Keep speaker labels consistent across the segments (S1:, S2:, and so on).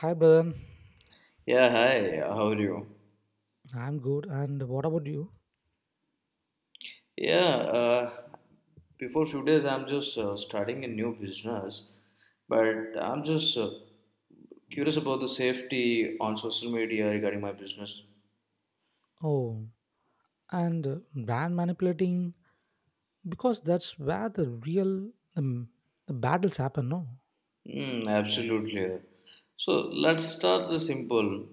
S1: Hi, brother.
S2: Yeah, hi, how are you?
S1: I'm good. And what about you?
S2: Yeah, uh, before few days I'm just starting a new business, but I'm just curious about the safety on social media regarding my business.
S1: Oh, and brand manipulating because that's where the battles happen. No,
S2: Mm, absolutely. So let's start the simple,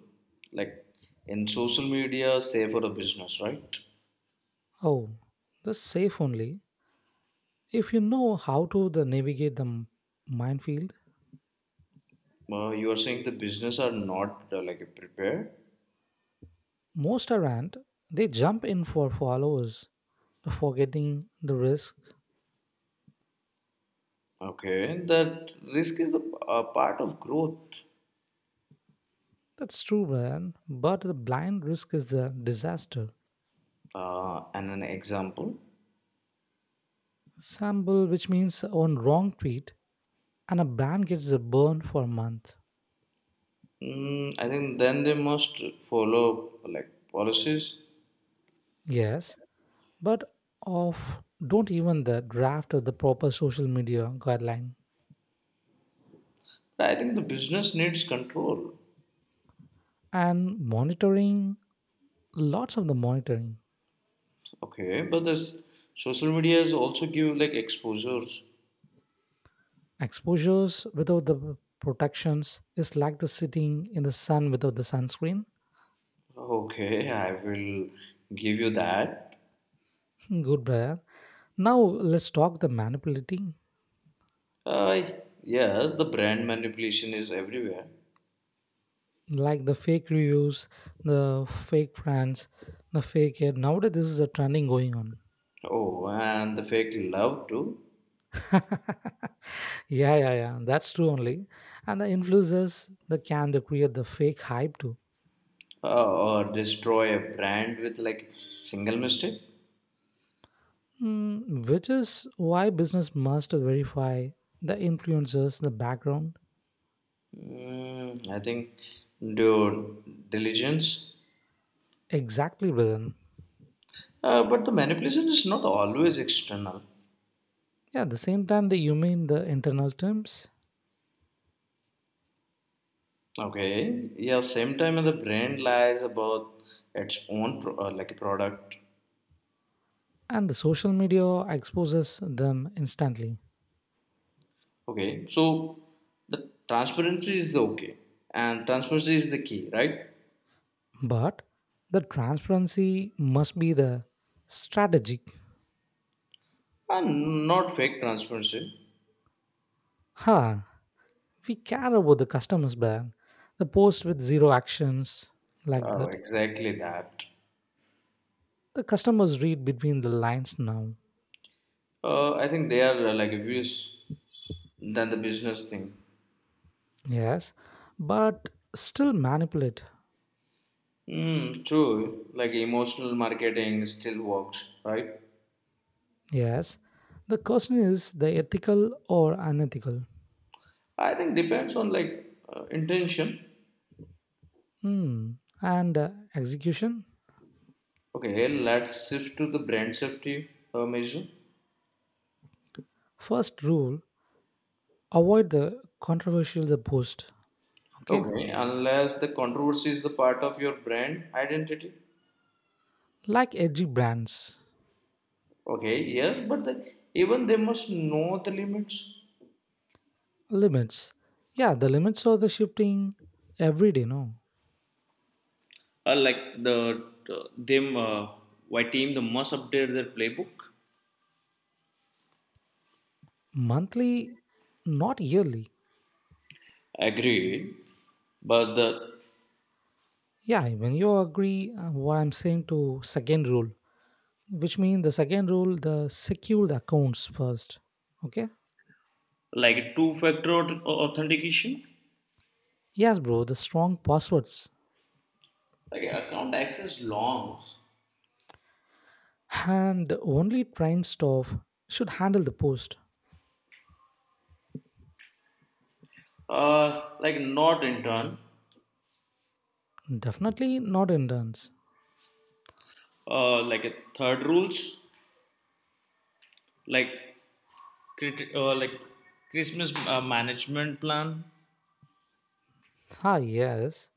S2: like in social media, say for a business, right?
S1: oh, the safe only. If you know how to the navigate the minefield,
S2: You are saying the business are not like prepared.
S1: most are ant they jump in for followers, forgetting the risk.
S2: Okay, that risk is the part of growth.
S1: That's true, man. But the blind risk is the disaster.
S2: And an example.
S1: Sample, which means on wrong tweet, and a brand gets a burn for a month.
S2: Mm, I think then they must follow like policies.
S1: Yes, but of don't even the draft of the proper social media guideline
S2: I think the business needs control.
S1: and monitoring lots of the monitoring
S2: Okay, but this social medias also give like exposures.
S1: exposures without the protections is like the sitting in the sun without the sunscreen.
S2: Okay, I will give you that.
S1: Good brother. Now let's talk the manipulating
S2: Uh, yes, the brand manipulation is everywhere.
S1: like the fake reviews, the fake friends, the fake ad. Nowadays this is a trending going on.
S2: Oh, and the fake love too,
S1: Yeah, yeah, yeah. That's true only. And the influencers, they create the fake hype too.
S2: or destroy a brand with like single mistake.
S1: Mm, which is why business must verify the influencers, the background.
S2: Mm, I think due diligence.
S1: Exactly, Brian.
S2: But the manipulation is not always external.
S1: Yeah, at the same time, the you mean the internal terms
S2: Okay. Yeah. Same time, the brand lies about its own like a product.
S1: and the social media exposes them instantly.
S2: Okay. So the transparency is the okay, and transparency is the key, right?
S1: But the transparency must be the strategic.
S2: And not fake transparency.
S1: Huh. We care about the customers, Brian. The post with zero actions like
S2: Oh,
S1: that.
S2: exactly that.
S1: The customers read between the lines now.
S2: I think they are like views than the business thing.
S1: Yes, but still manipulate.
S2: Mm, true. Like emotional marketing still works, right?
S1: Yes. The question is the ethical or unethical.
S2: I think depends on like intention.
S1: Hmm. And execution?
S2: Okay, let's shift to the brand safety measure.
S1: First rule avoid the controversial the post. Okay.
S2: Okay, unless the controversy is the part of your brand identity.
S1: Like edgy brands.
S2: Okay, yes, but the, even they must know the limits.
S1: Limits. Yeah, the limits are the shifting every day, no?
S2: Like the- them white team, they must update their playbook.
S1: Monthly, not yearly.
S2: Agreed. But the
S1: Yeah, when you agree what I'm saying to second rule, which means the second rule the secure the accounts first, okay,
S2: like two-factor authentication,
S1: yes bro, the strong passwords
S2: like account access logs,
S1: and only trained staff should handle the post,
S2: like not in turn,
S1: definitely not interns,
S2: like a third rules, like like Christmas management plan.
S1: ah yes,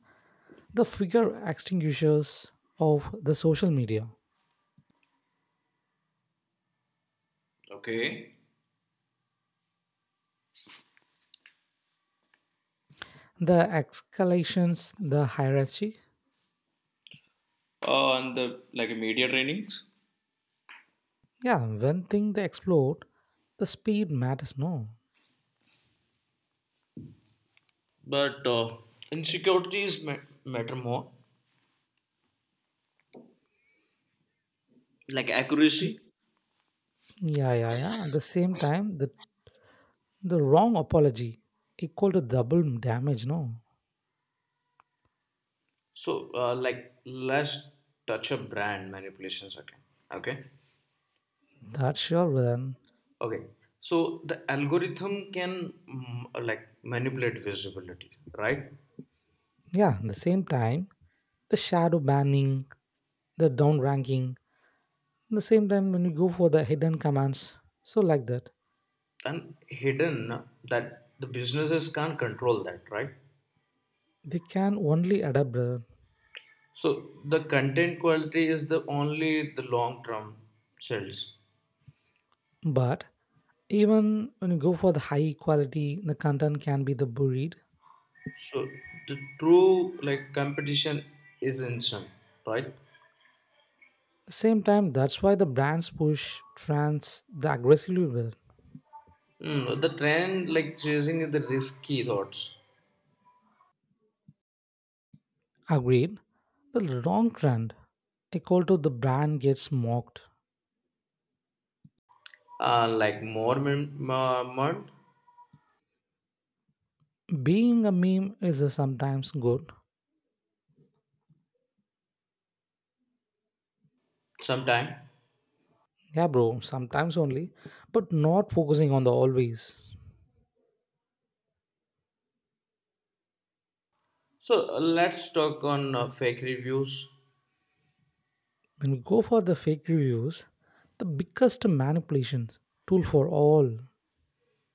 S1: the figure extinguishers of the social media,
S2: Okay.
S1: the escalations the hierarchy,
S2: And the like media trainings.
S1: yeah when thing they explode, the speed matters, no?
S2: But insecurities matter more, like
S1: This-
S2: accuracy.
S1: yeah, yeah, yeah, at the same time the wrong apology equal to double damage, no?
S2: So like let's touch a brand manipulations again. Okay,
S1: That sure will.
S2: okay. So the algorithm can like manipulate visibility, right?
S1: Yeah, at the same time, the shadow banning, the downranking, at the same time when you go for the hidden commands, so like that.
S2: And hidden that the businesses can't control that, right?
S1: They can only adapt, brother.
S2: So the content quality is the only the long term sales.
S1: But even when you go for the high quality, the content can be the buried. At
S2: So the true like competition is instant, right?
S1: the same time, that's why the brands push trends the aggressively brother.
S2: Mm, the trend like chasing the risky thoughts,
S1: Agreed. The wrong trend, equal to the brand gets mocked.
S2: like more month
S1: Being a meme is sometimes good.
S2: sometime.
S1: Yeah, bro, sometimes only, but not focusing on the always.
S2: So let's talk on fake reviews.
S1: When we go for the fake reviews, the biggest manipulations tool for all.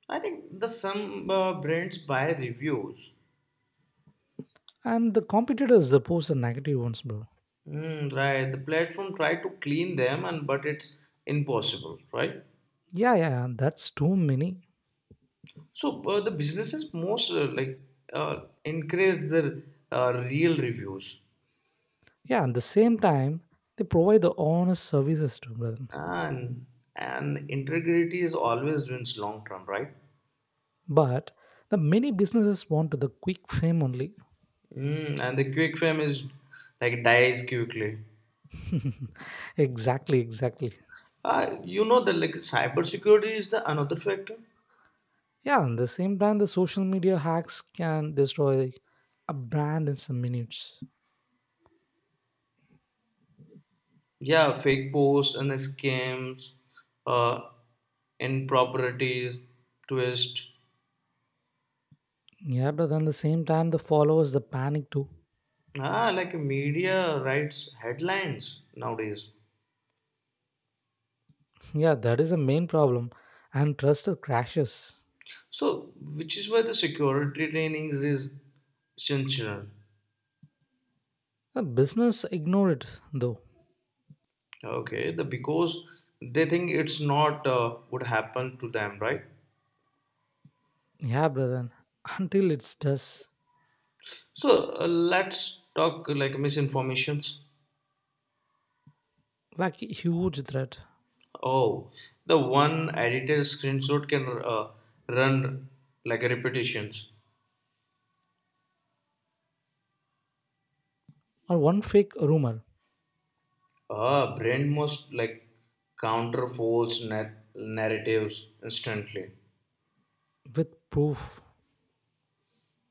S2: I think the some brands buy reviews.
S1: And the competitors that post the negative ones, bro.
S2: Mm, right, the platform try to clean them, and but it's impossible, right?
S1: Yeah, yeah, yeah, that's too many.
S2: So the businesses most like encourage their real reviews,
S1: Yeah, at the same time, they provide the honest services to them.
S2: and and integrity is always wins long term, right?
S1: But the many businesses want to the quick fame only.
S2: Mm, and the quick fame is like dies quickly.
S1: Exactly, exactly.
S2: You know that like cybersecurity is the another factor.
S1: Yeah, at the same time, the social media hacks can destroy a brand in some minutes.
S2: Yeah, fake posts and the scams, uh, improprieties, twist.
S1: Yeah, but then the same time, the followers, the panic too.
S2: Ah, like media writes headlines nowadays.
S1: Yeah, that is the main problem. And trust crashes.
S2: So, which is why the security trainings is essential.
S1: The business ignore it though.
S2: Okay, the because they think it's not would happen to them, right?
S1: Yeah, brother. Until it's just
S2: So let's talk like misinformations.
S1: like a huge threat
S2: Oh, the one edited screenshot can run like repetitions.
S1: or one fake rumor
S2: Ah, brain must like counter false narratives instantly.
S1: with proof.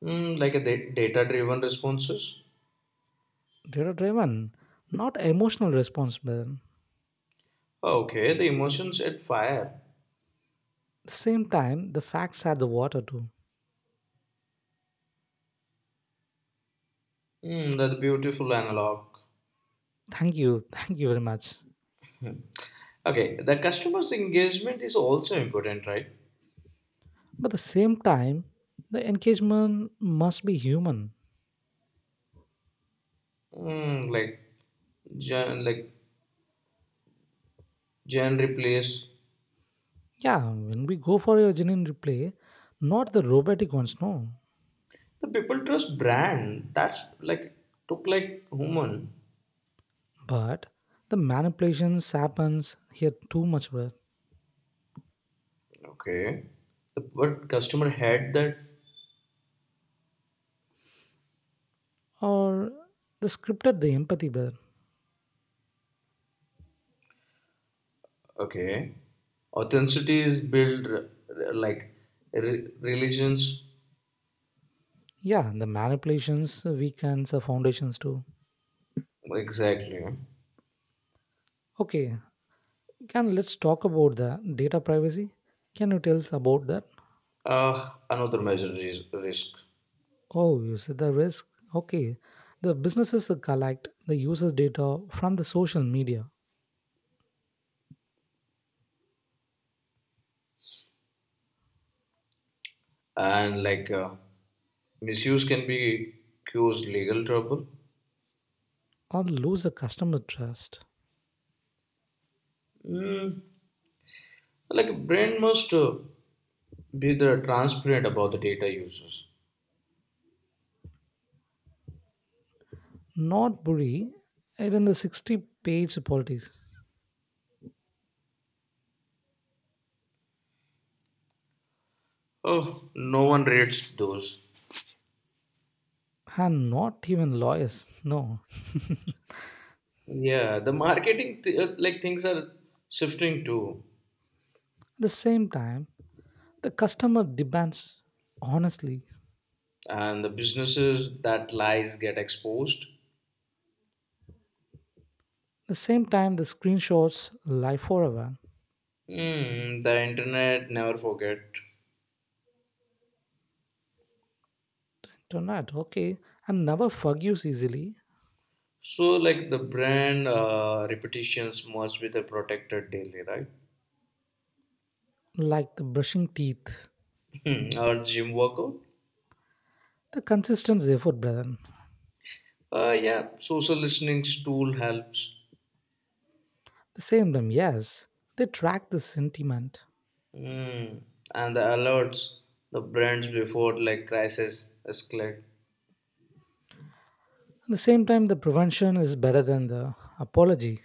S2: Mm, like a data driven responses.
S1: Data driven, not emotional response, brother.
S2: Okay, the emotions at fire.
S1: The same time, the facts are the water too.
S2: Hmm, that's beautiful analog.
S1: Thank you, thank you very much.
S2: Okay, the customer's engagement is also important, right?
S1: But the same time, the engagement must be human.
S2: Hmm, gen, like gen replace
S1: Yeah, when we go for a genuine replay, not the robotic ones, no,
S2: the people trust brand. That's like took like human.
S1: but the manipulations happens here too much, brother.
S2: Okay, the, but customer had that.
S1: Or the scripted, the empathy, brother.
S2: Okay, authenticity is built r- like religions
S1: Yeah, the manipulations weakens the foundations too.
S2: exactly.
S1: Okay, can let's talk about the data privacy. Can you tell us about that?
S2: Another major risk
S1: Oh, you said the risk. Okay, the businesses that collect the users' data from the social media
S2: and like. Misuse can be cause legal trouble.
S1: or lose the customer trust.
S2: Mm, like a brand must be the transparent about the data users.
S1: Not bully it in the 60-page politics
S2: Oh, no one reads those.
S1: and not even lawyers no at
S2: Yeah, the marketing like things are shifting too,
S1: the same time the customer demands honestly.
S2: and the businesses that lies get exposed.
S1: At the same time the screenshots lie forever
S2: Mm, the internet never forget.
S1: tonight okay and never forgives easily
S2: So like the brand reputations must be the protected daily, right?
S1: like the brushing teeth,
S2: Hmm, or gym workout.
S1: the consistent effort brethren.
S2: Yeah, social listening tool helps.
S1: At the same time yes they track the sentiment,
S2: Mm. And the alerts, the brands before like crisis escalate.
S1: at the same time the prevention is better than the apology,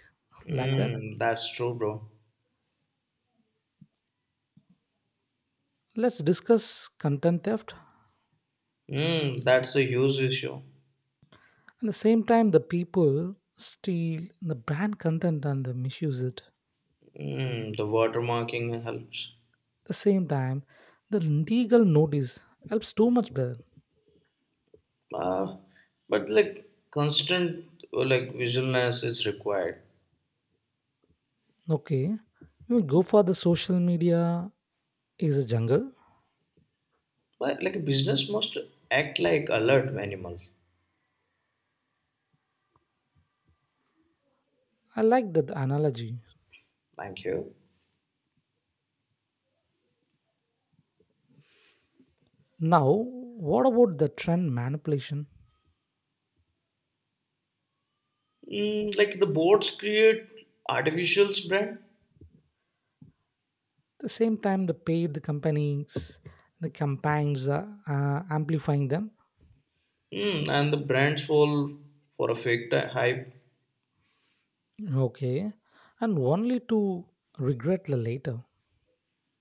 S1: like that.
S2: Mm. That's true, bro.
S1: Let's discuss content theft.
S2: Mm. That's a huge issue.
S1: At the same time, the people steal the brand content and they misuse it.
S2: Mm. The watermarking helps.
S1: The same time, the legal notice helps too much better.
S2: Uh, but like constant like vigilance is required.
S1: Okay, we go for the social media is a jungle.
S2: But like business must act like alert animal.
S1: I like that analogy.
S2: Thank you.
S1: Now, what about the trend manipulation?
S2: Mm, like the boards create artificial brand,
S1: The same time, the paid the companies, the campaigns are amplifying them.
S2: and the brands fall for a fake hype.
S1: Okay, and only to regret the later.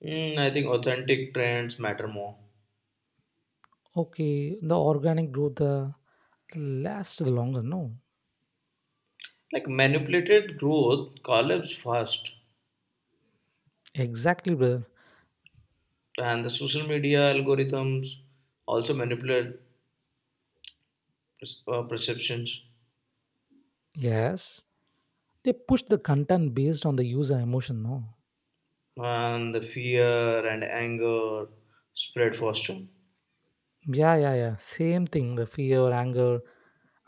S2: Mm, I think authentic trends matter more.
S1: Okay, the organic growth. The last longer, no.
S2: Like manipulated growth collapse fast,
S1: Exactly, brother.
S2: and the social media algorithms also manipulate perceptions,
S1: Yes. They push the content based on the user emotion, no.
S2: and the fear and anger spread faster.
S1: Yeah, yeah, yeah. Same thing, the fear, anger.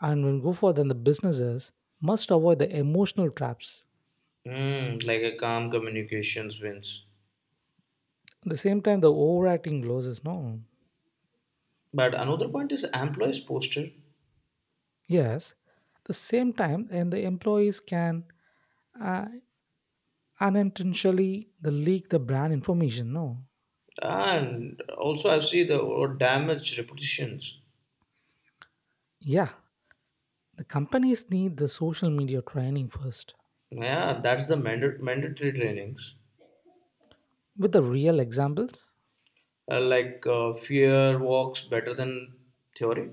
S1: And when go for then the businesses must avoid the emotional traps.
S2: Mm, like a calm communications wins.
S1: At the same time, the overacting losses, no.
S2: But another point is employees posture,
S1: Yes. The same time, and the employees can uh, unintentionally the leak the brand information, no.
S2: and also I see the or damage reputations.
S1: Yeah, the companies need the social media training first
S2: Yeah, that's the mandatory trainings.
S1: with the real examples.
S2: Like fear works better than theory.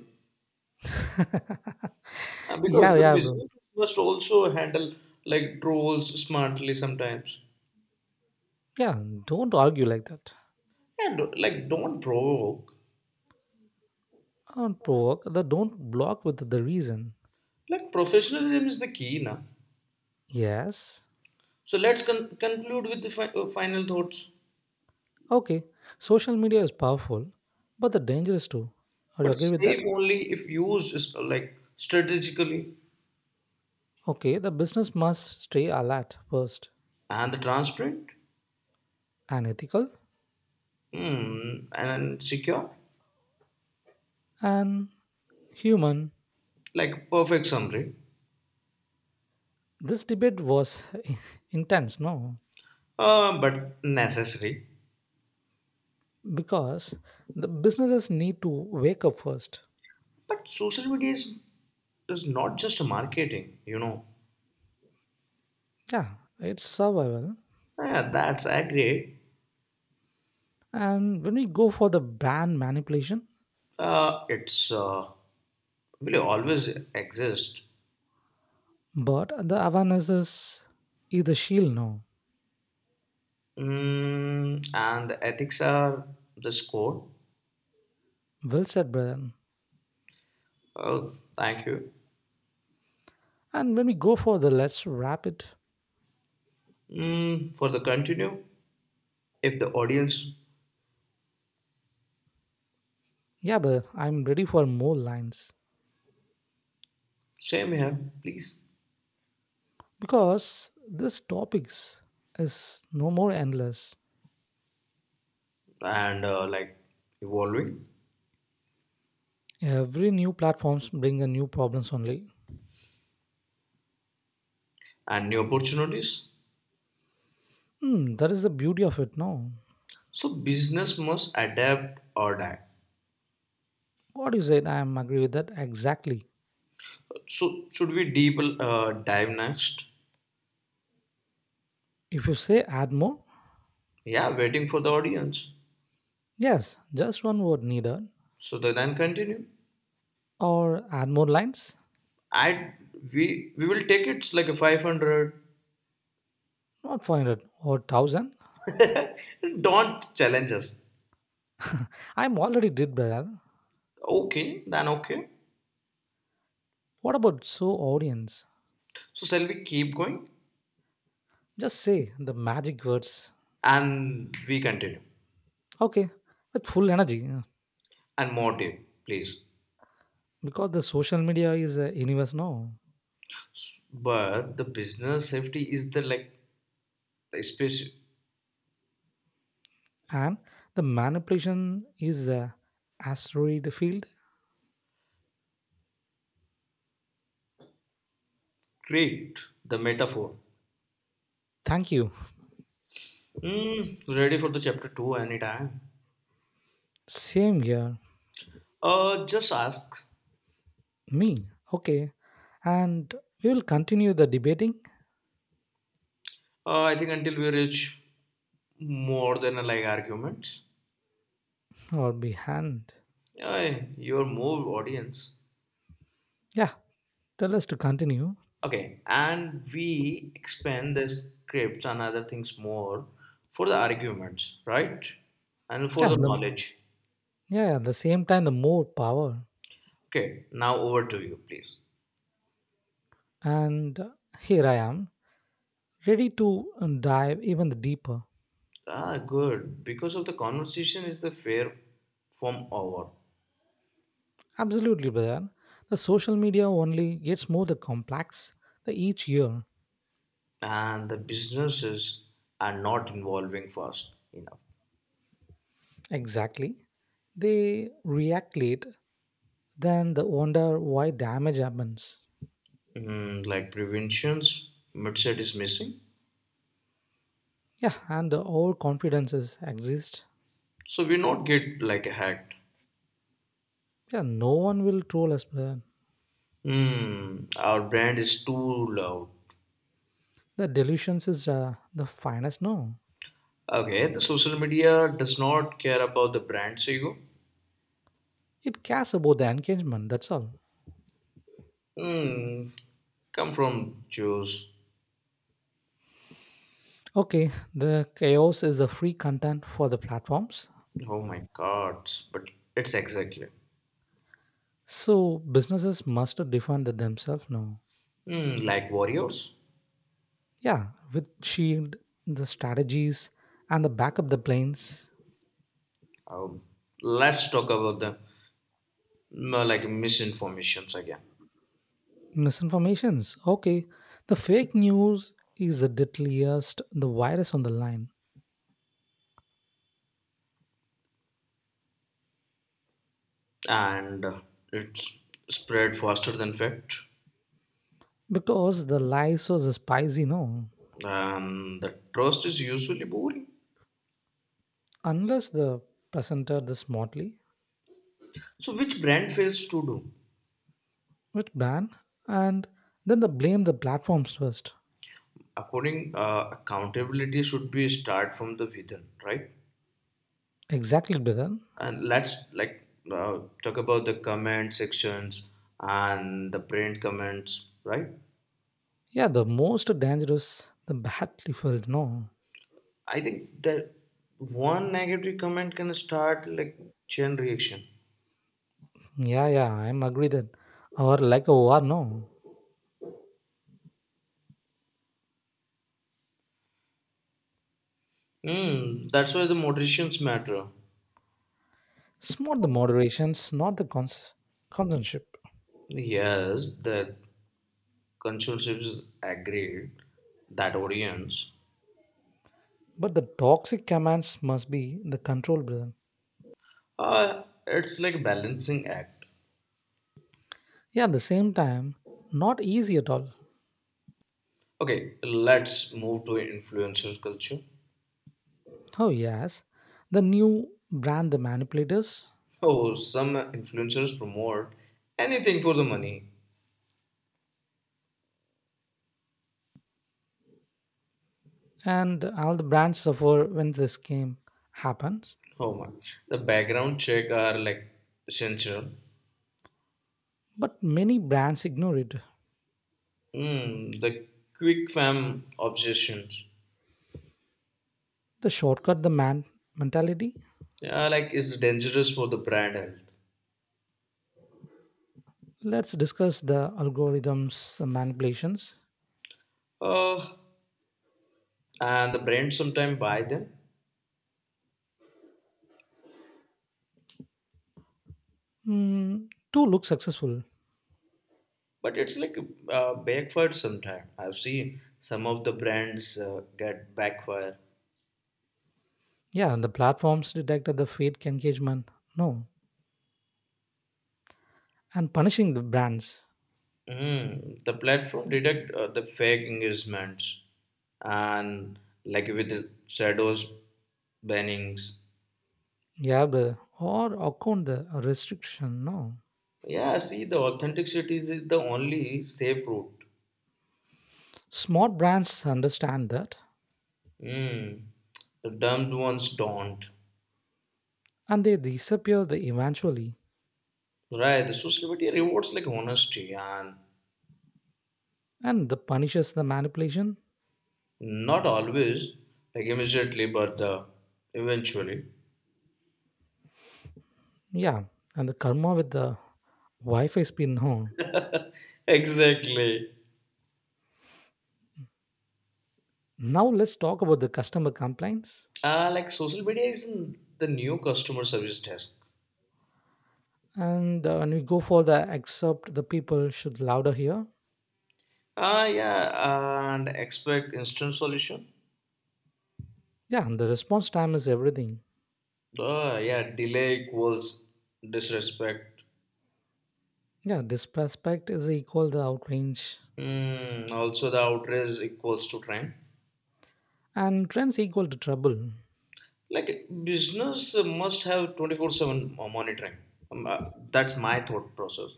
S2: Uh,
S1: Yeah,
S2: because the
S1: yeah, bro.
S2: business must also handle like trolls smartly sometimes
S1: Yeah, don't argue like that.
S2: and like don't provoke.
S1: Don't provoke. The, don't block with the reason.
S2: Like professionalism is the key now,
S1: Yes.
S2: so let's conclude with the final thoughts.
S1: Okay. Social media is powerful, but the dangerous too. Are you
S2: But
S1: agree with that?
S2: safe only if used is, like strategically
S1: Okay. The business must stay alert first
S2: and transparent.
S1: and ethical
S2: Mm, and secure.
S1: and human.
S2: Like perfect summary.
S1: This debate was intense, no?
S2: But necessary.
S1: Because the businesses need to wake up first.
S2: But social media is not just marketing, you know.
S1: Yeah, it's survival.
S2: Yeah, that's agree.
S1: And when we go for the brand manipulation,
S2: It's will always exist.
S1: but the awareness is the shield now.
S2: Mm, and the ethics are the score.
S1: Well said, brother.
S2: Oh, thank you.
S1: And when we go for the let's wrap it,
S2: Mm, for the continue, if the audience,
S1: yeah, brother, I'm ready for more lines.
S2: same here, please.
S1: Because this topics is no more endless.
S2: And like evolving
S1: Every new platforms bring a new problems only.
S2: and new opportunities.
S1: Hmm, that is the beauty of it, no?
S2: So business must adapt or die.
S1: What you said, I am agree with that exactly.
S2: So should we deep dive next?
S1: If you say add more,
S2: Yeah, waiting for the audience.
S1: yes, just one word needed.
S2: So the, then continue.
S1: Or add more lines,
S2: I we will take it like a 500.
S1: not 500 or 1000.
S2: Don't challenge us.
S1: I'm already did, brother.
S2: Okay, then okay.
S1: What about so audience?
S2: So shall we keep going?
S1: Just say the magic words.
S2: And we continue.
S1: Okay, with full energy. Yeah.
S2: And more deal, please.
S1: Because the social media is a universe now.
S2: But the business safety is the like the space.
S1: And the manipulation is a asteroid field.
S2: Great, the metaphor.
S1: Thank you.
S2: Hmm, ready for the chapter two anytime.
S1: Same here.
S2: Just ask.
S1: Me. Okay. And we will continue the debating
S2: I think until we reach more than like arguments.
S1: or behind.
S2: Yeah, your more audience.
S1: Yeah. Tell us to continue.
S2: Okay, and we expand the scripts and other things more for the arguments, right? And for
S1: Yeah.
S2: the knowledge.
S1: Yeah. Yeah, the same time, the more power.
S2: Okay, now over to you, please.
S1: And here I am, ready to dive even deeper.
S2: Ah, good. Because of the conversation is the fair form over,
S1: Absolutely, brother. The social media only gets more the complex the each year.
S2: and the businesses are not involving fast enough.
S1: Exactly. They react late, then they wonder why damage happens.
S2: Mm, like preventions, midset is missing,
S1: Yeah, and our confidences exist.
S2: so we not get like a hacked.
S1: Yeah, no one will troll us, brother.
S2: Hmm, our brand is too loud.
S1: The delusions is the finest no.
S2: Okay, the social media does not care about the brand's ego.
S1: It cares about the engagement, that's all.
S2: Hmm, come from Jews.
S1: Okay, the chaos is the free content for the platforms.
S2: Oh my God! But it's exactly
S1: So businesses must defend themselves now.
S2: like warriors.
S1: Yeah, with shield, the strategies, and the backup the planes,
S2: Um, let's talk about the like misinformations again,
S1: misinformations. Okay, the fake news is the deadliest, the virus on the line
S2: and it's spread faster than fact.
S1: because the lies are the spicy. No,
S2: And the trust is usually boring.
S1: unless the presenter the smartly
S2: So which brand fails to do?
S1: with ban and then the blame the platforms first.
S2: According accountability should be start from the within, right?
S1: Exactly, Bidan.
S2: And let's like talk about the comment sections and the print comments, right?
S1: Yeah, the most dangerous, the battlefield. No,
S2: I think that one negative comment can start like chain reaction.
S1: yeah, yeah, I'm agree that or like a war. No.
S2: Hmm, that's why the moderations matter.
S1: It's not the moderations, not the consentship,
S2: Yes, the consulship is agreed that audience.
S1: but the toxic commands must be the control rhythm.
S2: It's like balancing act.
S1: Yeah, at the same time, not easy at all.
S2: Okay, let's move to influencer culture.
S1: Oh yes, the new brand, the manipulators,
S2: Oh, some influencers promote anything for the money.
S1: and all the brands suffer when this game happens.
S2: Oh my. The background check are like essential.
S1: But many brands ignore it.
S2: Mm, the quick fam obsessions.
S1: The shortcut, the man mentality.
S2: Yeah, like it's dangerous for the brand health.
S1: Let's discuss the algorithms, the manipulations.
S2: Uh, and the brand sometimes buy them,
S1: Mm, to look successful.
S2: but it's like backfired sometime. I've seen some of the brands get backfire.
S1: Yeah, and the platforms detected the fake engagement. No, and punishing the brands.
S2: Mm, the platform detect the fake engagements and like with the shadows bannings.
S1: Yeah, brother. Or account the restriction. No,
S2: Yeah, see, the authenticity is the only safe route.
S1: smart brands understand that,
S2: Hmm. The damned ones don't.
S1: and they disappear the eventually,
S2: Right, the society rewards like honesty and
S1: and the punishes the manipulation.
S2: not always, like immediately, but eventually.
S1: Yeah, and the karma with the Wi-Fi spin. No.
S2: Exactly.
S1: Now let's talk about the customer complaints,
S2: Like social media is the new customer service desk.
S1: and when we go for the except, the people should louder here.
S2: Ah, yeah, and expect instant solution.
S1: Yeah, and the response time is everything.
S2: Ah, yeah, delay equals disrespect.
S1: Yeah, disrespect is equal the outrage,
S2: Hmm, also, the outrage equals to trend.
S1: and trends equal to trouble.
S2: Like business must have 24/7 monitoring. Um, uh, that's my thought process.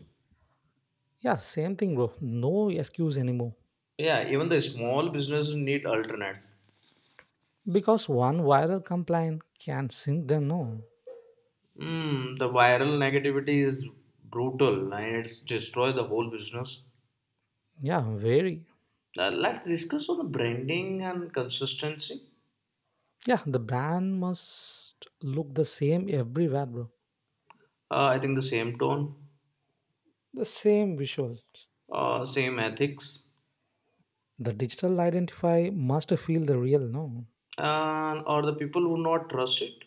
S1: Yeah, same thing, bro. No excuse anymore.
S2: Yeah, even the small businesses need alternate.
S1: Because one viral complaint can sink them, no.
S2: Mm, the viral negativity is brutal, and it's destroy the whole business.
S1: Yeah, very.
S2: Let's discuss on the branding and consistency.
S1: Yeah, the brand must look the same everywhere, bro.
S2: I think the same tone,
S1: The same visuals.
S2: same ethics,
S1: The digital identify must feel the real, no.
S2: and or the people who not trust it.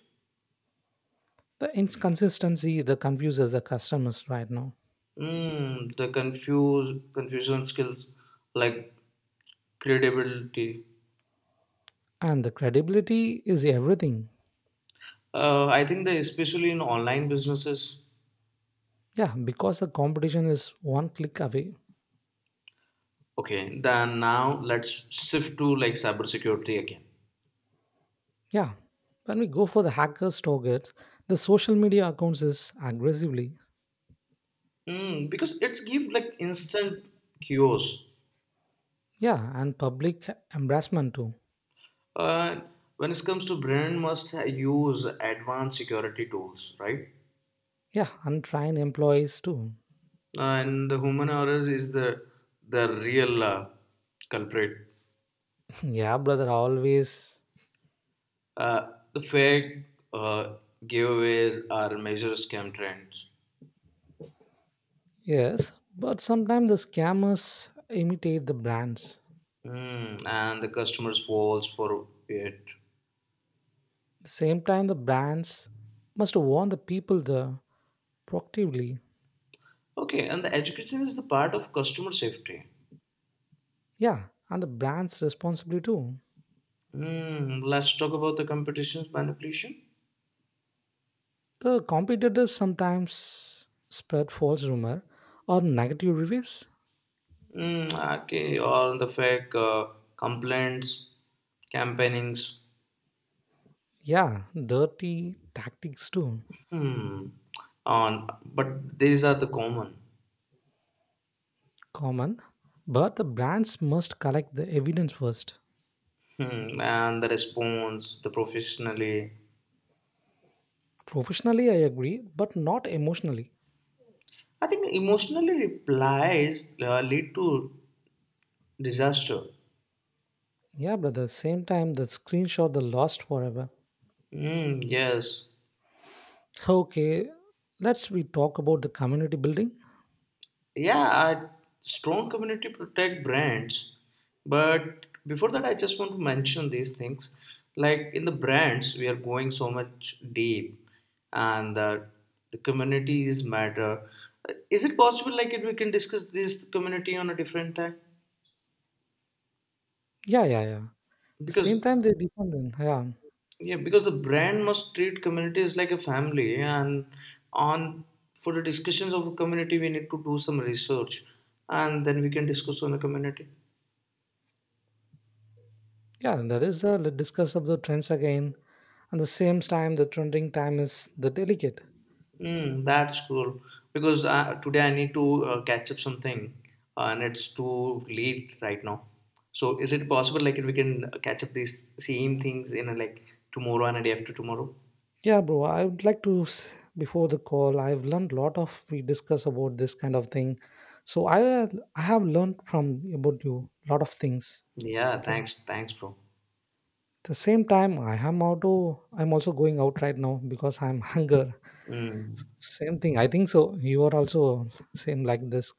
S1: The inconsistency that confuses the customers right now.
S2: Mm, the confuse confusion skills like credibility.
S1: And the credibility is everything.
S2: I think that especially in online businesses.
S1: Yeah, because the competition is one click away.
S2: Okay, then now let's shift to like cybersecurity again.
S1: Yeah. When we go for the hackers targets, the social media accounts is aggressively.
S2: Mm, because it's give like instant cures.
S1: Yeah, and public embarrassment too.
S2: Uh, when it comes to brand, must use advanced security tools, right?
S1: Yeah, untrained employees too.
S2: And the human errors is the real culprit.
S1: Yeah, brother, always.
S2: Uh, the fake uh, giveaways are major scam trends,
S1: Yes, but sometimes the scammers imitate the brands.
S2: and the customers falls for it.
S1: The same time, the brands must warn the people the proactively.
S2: Okay, and the education is the part of customer safety.
S1: Yeah, and the brands responsibly too.
S2: Hmm, let's talk about the competitions manipulation.
S1: The competitors sometimes spread false rumor or negative reviews.
S2: Hmm, okay, or the fake complaints, campaignings.
S1: Yeah, dirty tactics too.
S2: Hmm, on but these are the common.
S1: Common. But the brands must collect the evidence first.
S2: Hmm, and the response, the professionally.
S1: Professionally, I agree, but not emotionally.
S2: I think emotionally replies lead to disaster.
S1: Yeah, but at the same time, the screenshot the lost forever.
S2: Hmm, yes.
S1: Okay, let's we talk about the community building.
S2: Yeah, strong community protect brands. But before that, I just want to mention these things. Like in the brands, we are going so much deep, and the community is matter. Is it possible, like, if we can discuss this community on a different time?
S1: Yeah, yeah, yeah. The
S2: Because
S1: same time they depend on yeah,
S2: yeah, because the brand must treat communities like a family, and on for the discussions of a community, we need to do some research, and then we can discuss on the community.
S1: yeah. And that is the let's discuss of the trends again, and the same time the trending time is the delicate.
S2: Mm, that's cool because today I need to catch up something and it's too late right now. So is it possible like we can catch up these same things in a, like tomorrow and a day after tomorrow?
S1: Yeah, bro. I would like to before the call. I've learned a lot of we discuss about this kind of thing. So I have learned from about you a lot of things.
S2: Yeah,
S1: Okay.
S2: thanks, thanks, bro.
S1: The same time, I am auto. I'm also going out right now because I'm hunger.
S2: Mm.
S1: Same thing. I think so. You are also same like this.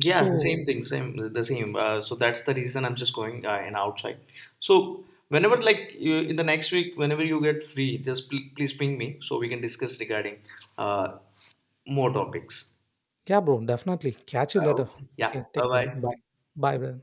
S2: Yeah, the
S1: So
S2: same thing, same, the same. So that's the reason I'm just going and outside. So whenever like you, in the next week, whenever you get free, just please ping me so we can discuss regarding uh, more topics.
S1: yeah, bro. Definitely catch you later.
S2: Okay. Yeah.
S1: Okay,
S2: Bye
S1: take care.
S2: bye.
S1: Bye. Bye, brother.